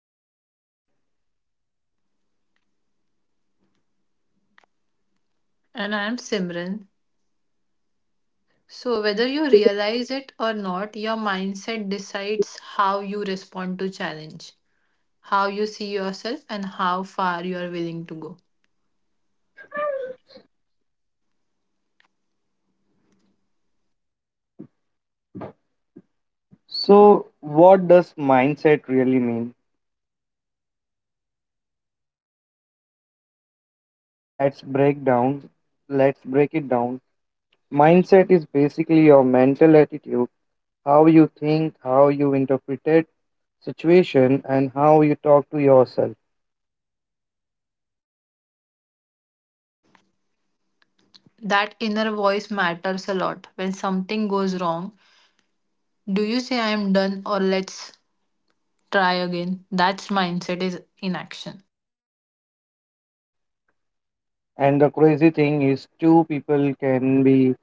I am Umar. And I'm Simran. So, whether you realize it or not, your mindset decides how you respond to challenge, how you see yourself, and how far you are willing to go. So, what does mindset really mean? Let's break down. Let's break it down. Mindset is basically your mental attitude, how you think, how you interpret situation and how you talk to yourself. That inner voice matters a lot. When something goes wrong, do you say, I am done, or let's try again? That's mindset is in action. And the crazy thing is two people can be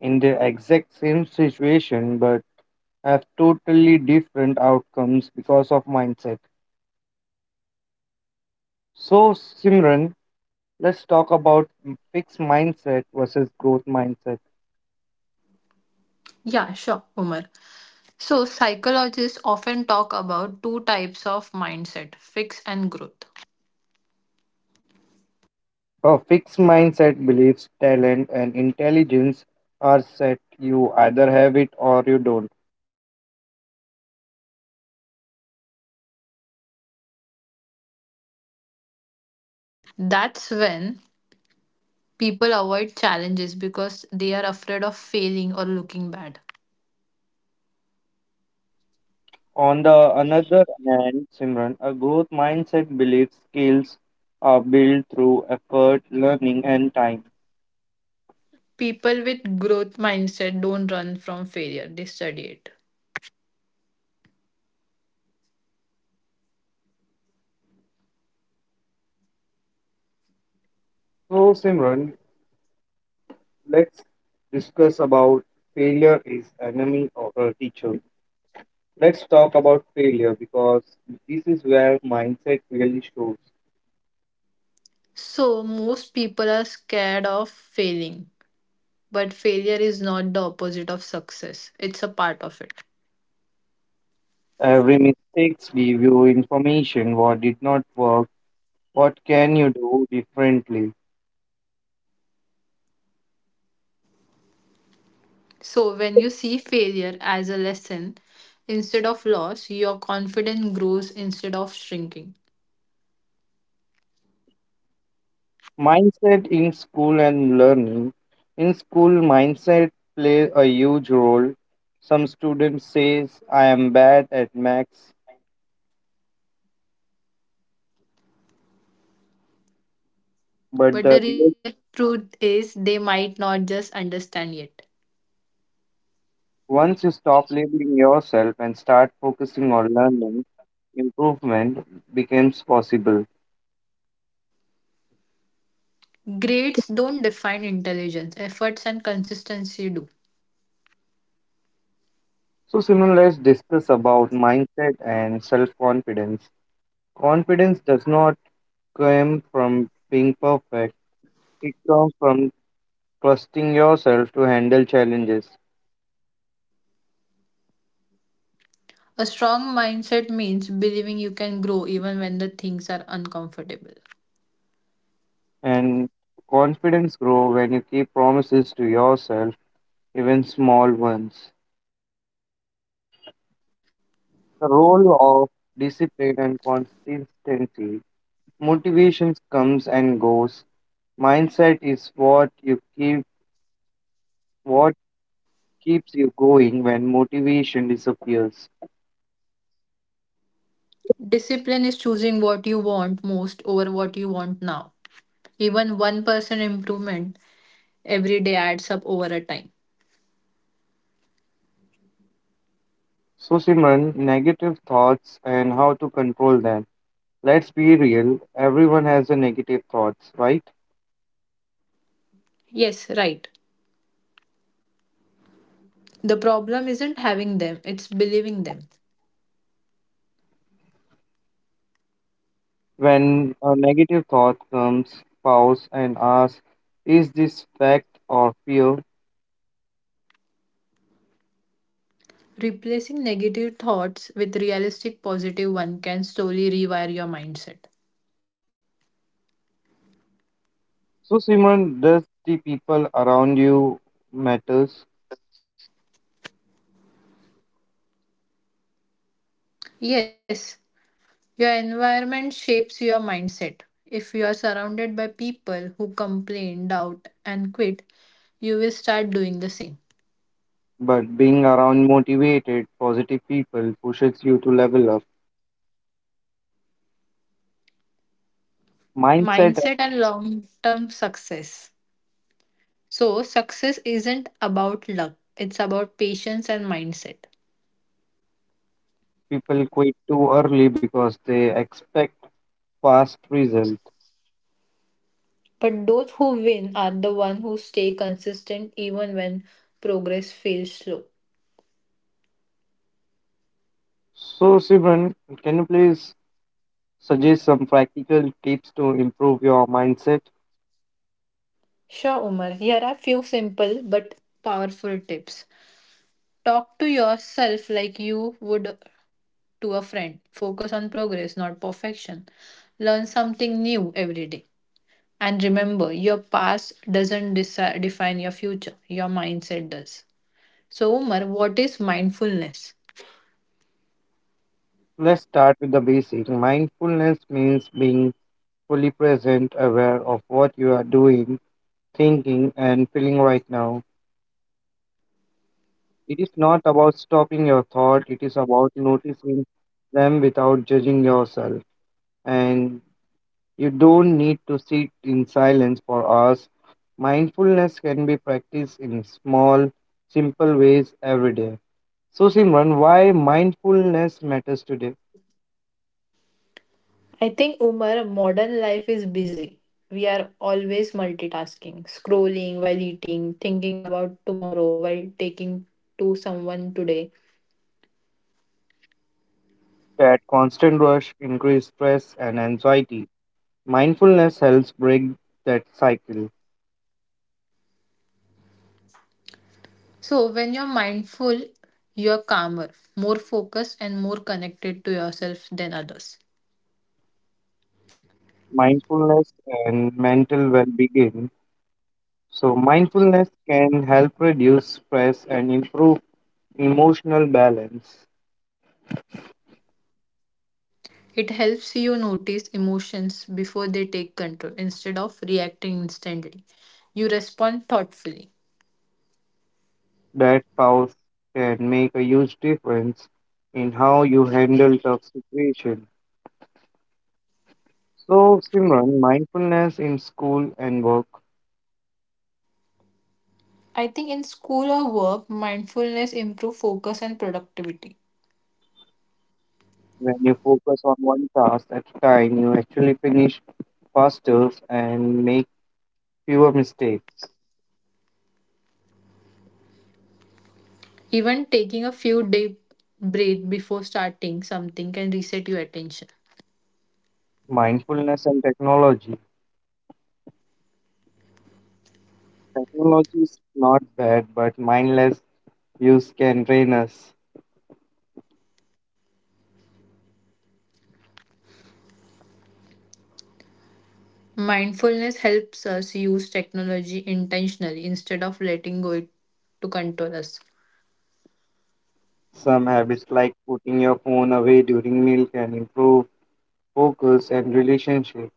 in the exact same situation but have totally different outcomes because of mindset. So, Simran, let's talk about fixed mindset versus growth mindset. Yeah, sure, Umar. So, psychologists often talk about two types of mindset fix and growth. A fixed mindset believes talent and intelligence are set. You either have it or you don't. That's when people avoid challenges because they are afraid of failing or looking bad. On the another hand, Simran, a growth mindset believes skills are built through effort, learning, and time. People with growth mindset don't run from failure, they study it. So, Simran, let's discuss about failure is enemy or a teacher. Let's talk about failure because this is where mindset really shows. So, most people are scared of failing, but failure is not the opposite of success, it's a part of it. Every mistakes give you information what did not work, what can you do differently. So, when you see failure as a lesson instead of loss, your confidence grows instead of shrinking. Mindset in school and learning. In school, mindset plays a huge role. Some students says I am bad at maths, but the But the real real truth is, they might not just understand yet. once you stop labeling yourself and start focusing on learning, improvement becomes possible. Grades don't define intelligence, efforts, and consistency do. So, Simon, let's discuss about mindset and self confidence. Confidence does not came from being perfect. It comes from trusting yourself to handle challenges. A strong mindset means believing you can grow even when the things are uncomfortable. And confidence grows when you keep promises to yourself, even small ones. The role of discipline and consistency. Motivation comes and goes. Mindset is what you keep what keeps you going when motivation disappears. Discipline is choosing what you want most over what you want now. Even 1% improvement every day adds up over a time. So Simran, negative thoughts and how to control them. Let's be real, everyone has a negative thoughts, right? Yes, right. The problem isn't having them, it's believing them. When a negative thought comes, pause and ask, is this fact or fear? Replacing negative thoughts with realistic positive one can slowly rewire your mindset. So Simran, does the people around you matters, Yes, your environment shapes your mindset. If you are surrounded by people who complain, doubt, and quit, you will start doing the same. but being around motivated, positive people pushes you to level up. Mindset of Mindset and long term success. So, success isn't about luck, it's about patience and mindset. people quit too early because they expect fast result. But those who win are the ones who stay consistent even when progress feels slow. So Simran, can you please suggest some practical tips to improve your mindset? Sure, Umar, here are few simple but powerful tips. Talk to yourself like you would to a friend. Focus on progress, not perfection. Learn something new every day. And remember, your past doesn't define your future, your mindset does. So, Umar, what is mindfulness? Let's start with the basic. Mindfulness means being fully present, aware of what you are doing, thinking, and feeling right now. It is not about stopping your thought, it is about noticing them without judging yourself. And you don't need to sit in silence for hours. Mindfulness can be practiced in small, simple ways every day. So, Simran, why mindfulness matters today? I think, Umar, modern life is busy. We are always multitasking, scrolling while eating, thinking about tomorrow while taking to someone today. That constant rush, increased stress, and anxiety mindfulness helps break that cycle. So, when you're mindful, you're calmer, more focused, and more connected to yourself than others. Mindfulness and mental well being. So, mindfulness can help reduce stress and improve emotional balance. It helps you notice emotions before they take control instead of reacting instantly. You respond thoughtfully. That pause can make a huge difference in how you handle tough situations. So, Simran, mindfulness in school and work. I think in school or work, mindfulness improves focus and productivity. When you focus on one task at a time, you actually finish faster and make fewer mistakes. Even taking a few deep breaths before starting something can reset your attention. Mindfulness and technology. Technology is not bad, but mindless use can drain us. Mindfulness helps us use technology intentionally instead of letting go it to control us. Some habits like putting your phone away during meal can improve focus and relationship.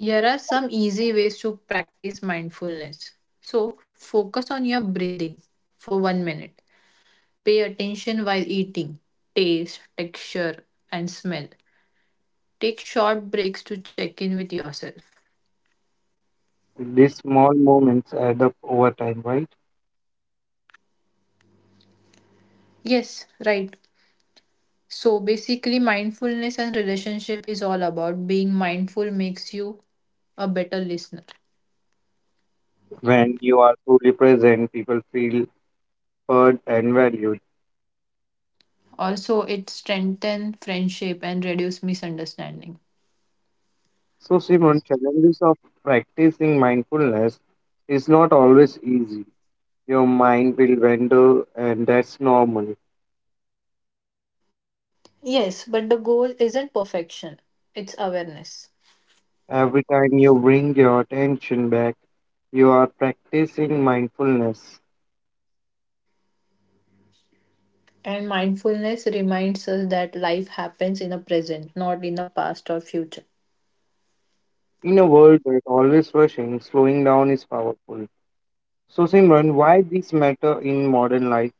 Here are some easy ways to practice mindfulness. So, focus on your breathing for 1 minute. Pay attention while eating, taste, texture, and smell. Take short breaks to check in with yourself. These small moments add up over time, right? Yes, right. So, basically, mindfulness and relationship is all about being mindful makes you a better listener. When you are truly present, people feel heard and valued. Also, it strengthens friendship and reduces misunderstanding. So, Simon, challenges of practicing mindfulness is not always easy. Your mind will wander, and that's normal. Yes, but the goal isn't perfection, it's awareness. Every time you bring your attention back, you are practicing mindfulness. And mindfulness reminds us that life happens in the present, not in the past or future. In a world that always rushing, slowing down is powerful. So, Simran, why this matter in modern life?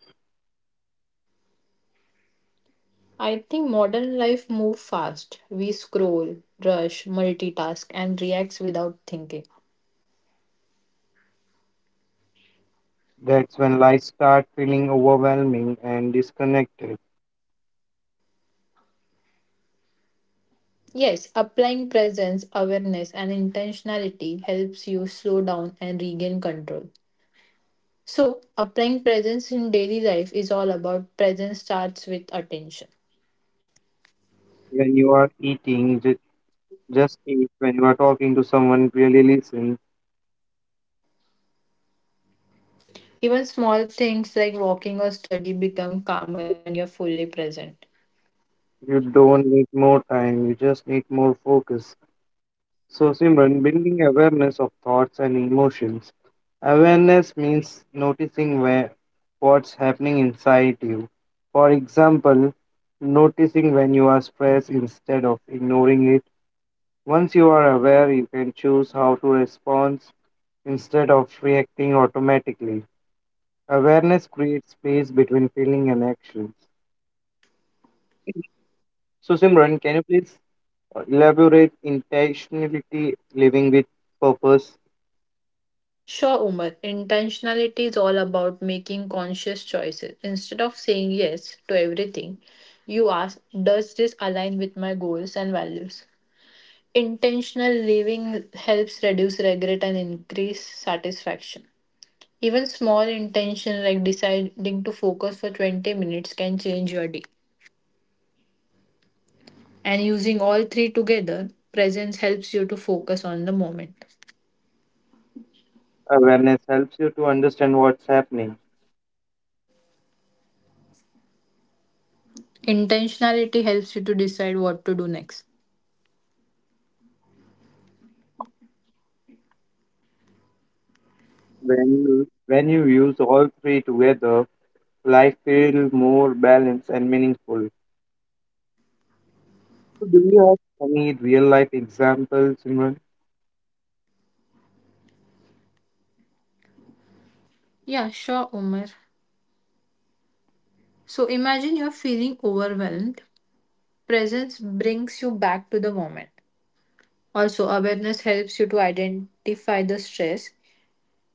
I think modern life moves fast. We scroll, rush, multitask, and react without thinking. That's when life starts feeling overwhelming and disconnected. Yes, applying presence, awareness, and intentionality helps you slow down and regain control. So, applying presence in daily life is all about presence starts with attention. When you are eating, just eat. When you are talking to someone, really listen. Even small things like walking or study become calmer when you're fully present. You don't need more time. You just need more focus. So, Simran, building awareness of thoughts and emotions. Awareness means noticing where what's happening inside you. For example, noticing when you are stressed instead of ignoring it. Once you are aware, you can choose how to respond instead of reacting automatically. Awareness creates space between feeling and actions. So, Simran, can you please elaborate intentionality living with purpose? Sure, Umar. Intentionality is all about making conscious choices. Instead of saying yes to everything, you ask, does this align with my goals and values? Intentional living helps reduce regret and increase satisfaction. Even small intention like deciding to focus for 20 minutes can change your day. And using all three together, presence helps you to focus on the moment. Awareness helps you to understand what's happening. Intentionality helps you to decide what to do next. When you use all three together, life feels more balanced and meaningful. So do you have any real life examples, Simran? Yeah, sure, Umar. So imagine you're feeling overwhelmed. Presence brings you back to the moment. Also, awareness helps you to identify the stress.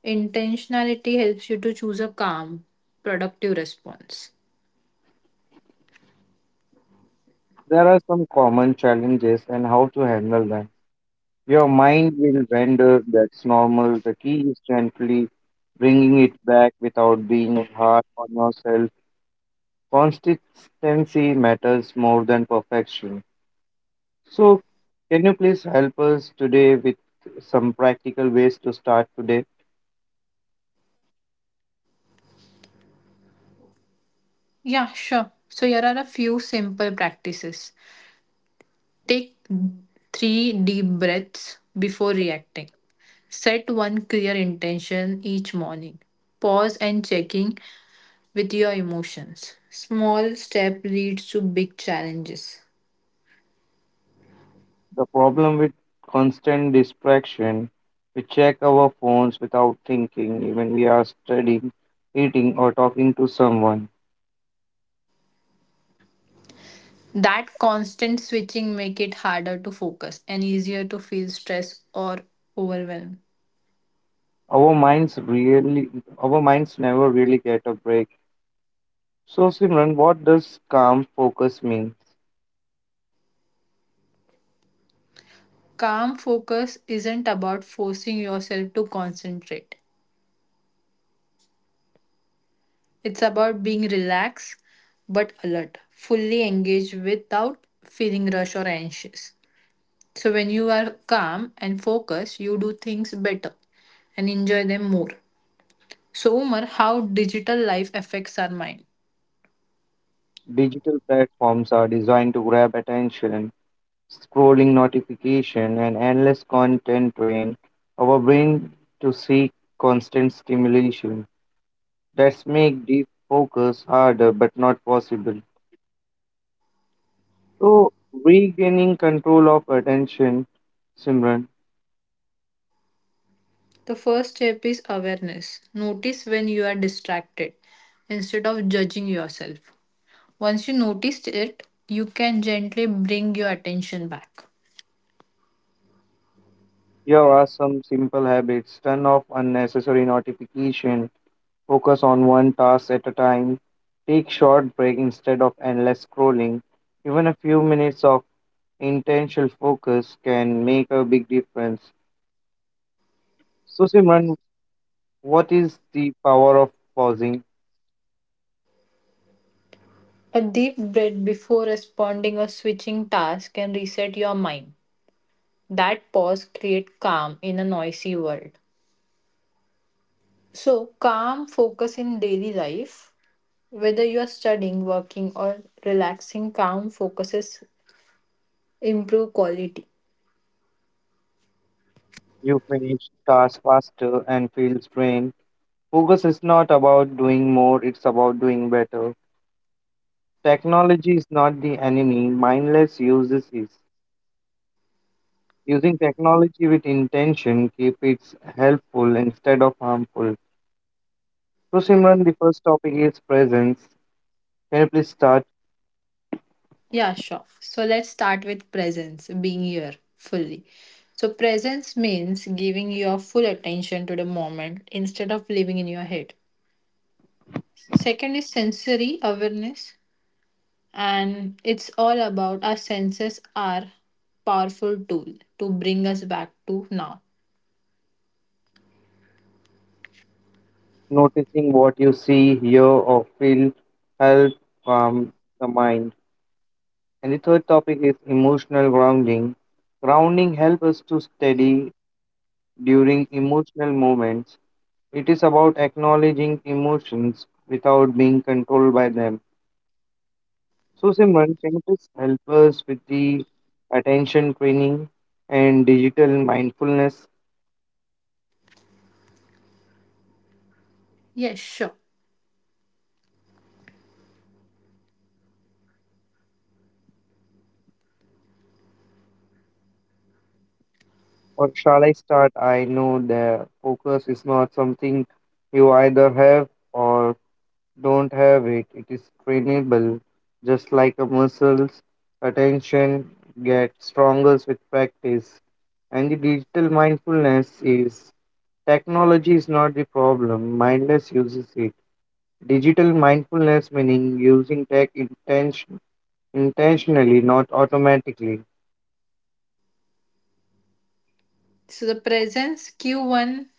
Intentionality helps you to choose a calm, productive response. There are some common challenges and how to handle them. Your mind will wander, that's normal. The key is gently bringing it back without being hard on yourself. Consistency matters more than perfection. So, can you please help us today with some practical ways to start today? Yeah, sure. So, here are a few simple practices. Take three deep breaths before reacting. Set one clear intention each morning. Pause and checking with your emotions. Small step leads to big challenges. The problem with constant distraction, we check our phones without thinking, even we are studying, eating, or talking to someone. That constant switching make it harder to focus and easier to feel stress or overwhelm. Our minds really, our minds never really get a break. So, Simran, what does calm focus mean? Calm focus isn't about forcing yourself to concentrate. It's about being relaxed but alert, fully engaged without feeling rushed or anxious. So when you are calm and focused, you do things better and enjoy them more. So Umar, how digital life affects our mind? Digital platforms are designed to grab attention, scrolling notification and endless content train our brain to seek constant stimulation. That's make deep focus harder but not possible. So, regaining control of attention, Simran, The first step is awareness. Notice when you are distracted instead of judging yourself. Once you noticed it, you can gently bring your attention back. here are some simple habits. Turn off unnecessary notification, focus on one task at a time, take short break instead of endless scrolling. Even a few minutes of intentional focus can make a big difference. So, Simran, what is the power of pausing? A deep breath before responding or switching tasks can reset your mind. That pause creates calm in a noisy world. So, calm focus in daily life, whether you are studying, working, or relaxing, calm focuses improve quality. You finish tasks faster and feel drained. Focus is not about doing more, it's about doing better. Technology is not the enemy, mindless uses is. Using technology with intention keep it helpful instead of harmful. So, Simran, the first topic is presence. Can you please start Yeah, sure. So let's start with presence, being here fully. So, presence means giving your full attention to the moment instead of living in your head. Second is sensory awareness, and it's all about our senses are powerful tool to bring us back to now. noticing what you see, hear, or feel? Help calm the mind. And the third topic is emotional grounding. Grounding helps us to steady during emotional moments. It is about acknowledging emotions without being controlled by them. So, Simran, can you please help us with the attention training and digital mindfulness? Yes, sure. Or shall I start? I know the focus is not something you either have or don't have it. It is trainable, just like a muscle's attention gets stronger with practice. And the digital mindfulness is technology is not the problem. Mindless uses it. Digital mindfulness meaning using tech intentionally, not automatically. So the presence Q1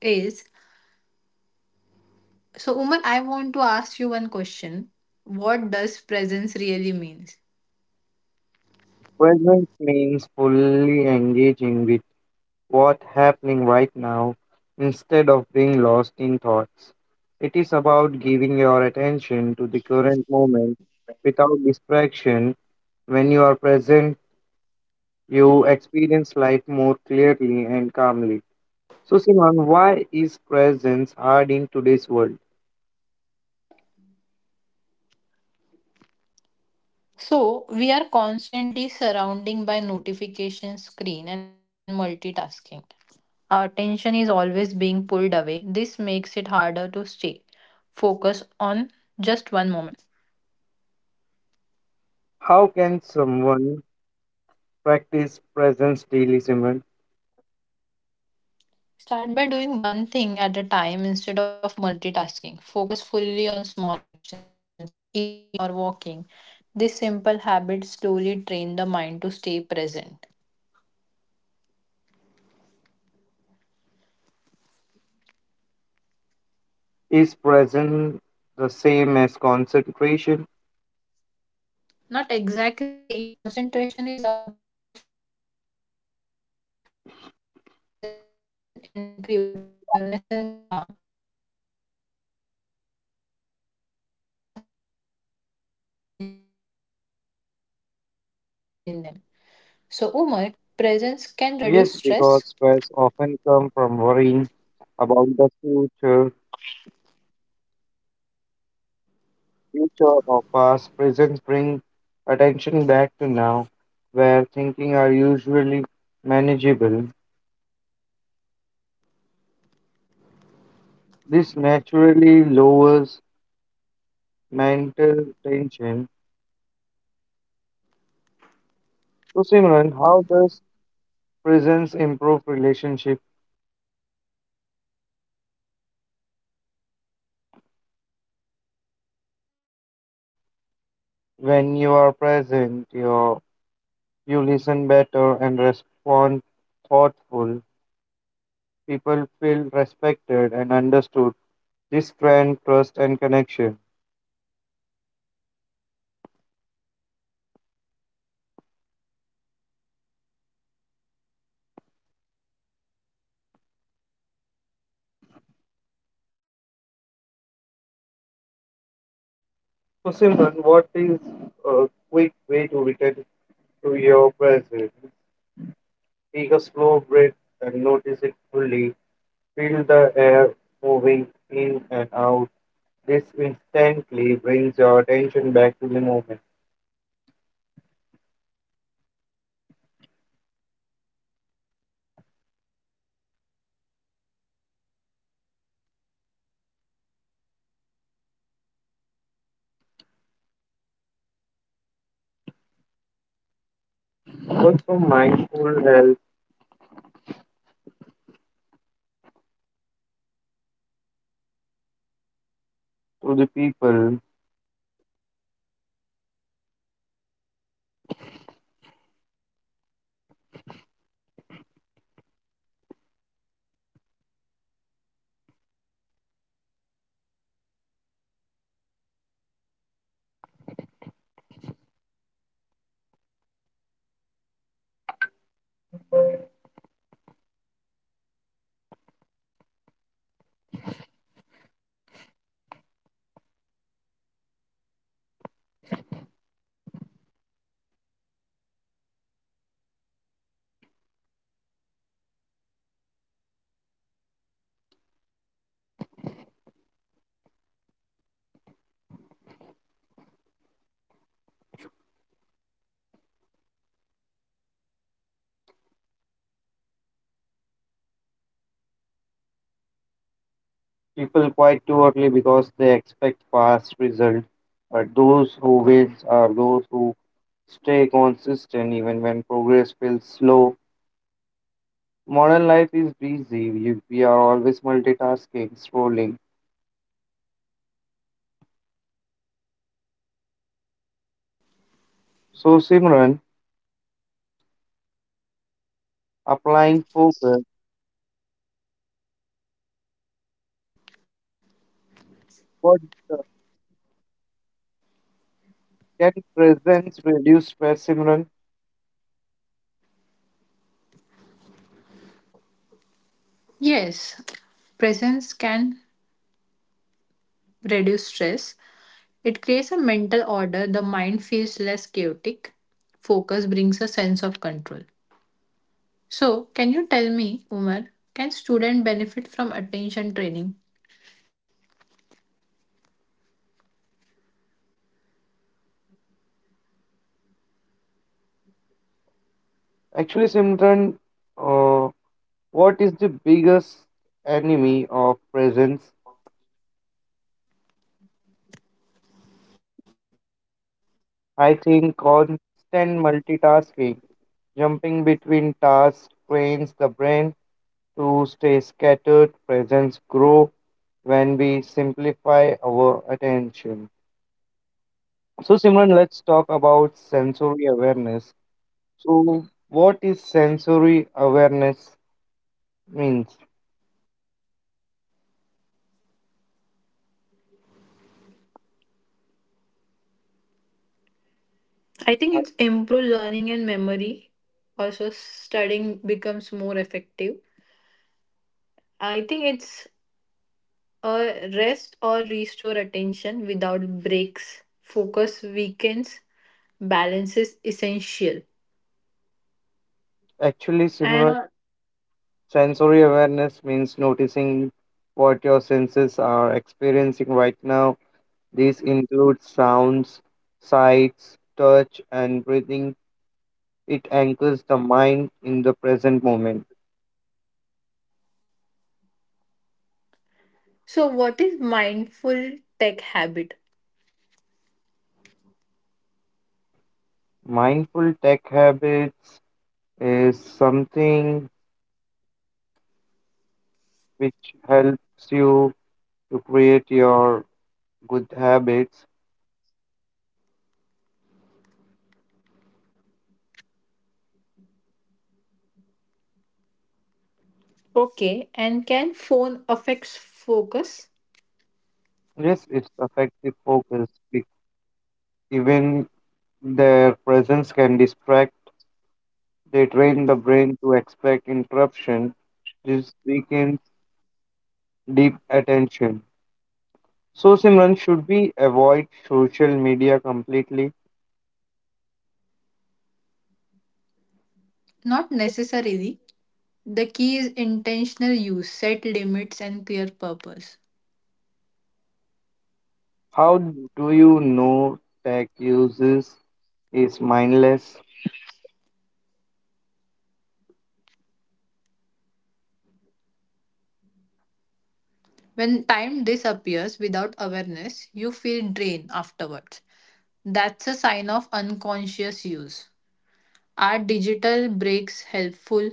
is. So, Umar, I want to ask you one question. What does presence really mean? Presence means fully engaging with what's happening right now instead of being lost in thoughts. It is about giving your attention to the current moment without distraction. When you are present, you experience life more clearly and calmly. So, Simon, why is presence hard in today's world? So we are constantly surrounding by notification screen and multitasking. Our attention is always being pulled away. This makes it harder to stay focus on just one moment. How can someone practice presence daily, Simon? Start by doing one thing at a time instead of multitasking. Focus fully on small actions like eating or walking. This simple habit slowly train the mind to stay present. Is presence the same as concentration? Not exactly. Concentration is about focusing on a task, while presence include awareness and calm. Presence also means noticing thoughts and feeling without getting lost in them. So, Umar, can you please tell me presence can reduce stress? Yes, because stress often comes from worrying about the future, future or past. Presence bring attention back to now, where thinking are usually manageable. This naturally lowers mental tension. So, Simran, how does presence improve relationship? Umar, when you're present, you listen better and respond thoughtfully. People feel When you are respected and present, understood. you This you strengthens listen trust better and and connection. respond thoughtful. People feel respected and understood, this friend, trust, and connection. So, Simran, what is a quick So, way to return what's the quick to your way to presence? Return to presence? Take a slow breath So, I and think I notice it take a fully. slow breath and Feel the notice it air fully. moving in Feel and the out. air This moving in and out. instantly This brings your instantly attention brings your back to the attention moment. back to the moment. Also, mindful help to the people. People quite too early because they expect fast results, but those who wait are those who stay consistent even when progress feels slow. Modern life is busy. We are always multitasking, scrolling. So, Simran, applying focus, what uh, can presence reduce stress, Simran? Yes, presence can reduce stress. It creates a mental order. The mind feels less chaotic. Focus brings a sense of control. So, can you tell me, Umar, can student benefit from attention training? Actually, Simran, uh, what is the biggest enemy of presence? I think constant multitasking, jumping between tasks, trains the brain to stay scattered. Presence grow when we simplify our attention. So, Simran, let's talk about sensory awareness. So, what is sensory awareness means? I think Uh, it's improve learning and memory. Also, studying becomes more effective. I think it's a rest or restore attention without breaks. Focus weakens. Balance is essential. Actually, And Simran, sensory awareness means noticing what your senses are experiencing right now. This includes sounds, sights, touch, and breathing. It anchors the mind in the present moment. So, what is mindful tech habit? Mindful tech habits is something which helps you to create your good habits, Okay, and can phone affects focus? yes, it's affect the focus. Even their presence can distract. They train the brain to expect interruption. This weakens deep attention. So, Simran, should we avoid social media completely? Not necessarily. The key is intentional use, set limits, and clear purpose. How do you know tech uses is mindless? When time disappears without awareness, you feel drained afterwards. That's a sign of unconscious use. Are digital breaks helpful?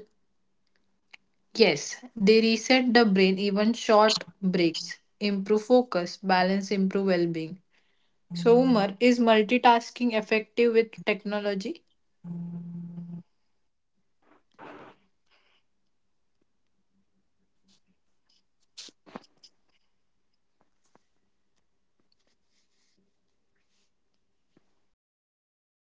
Yes, they reset the brain, even short breaks improve focus, balance, improve well being. So, Umar, is multitasking effective with technology?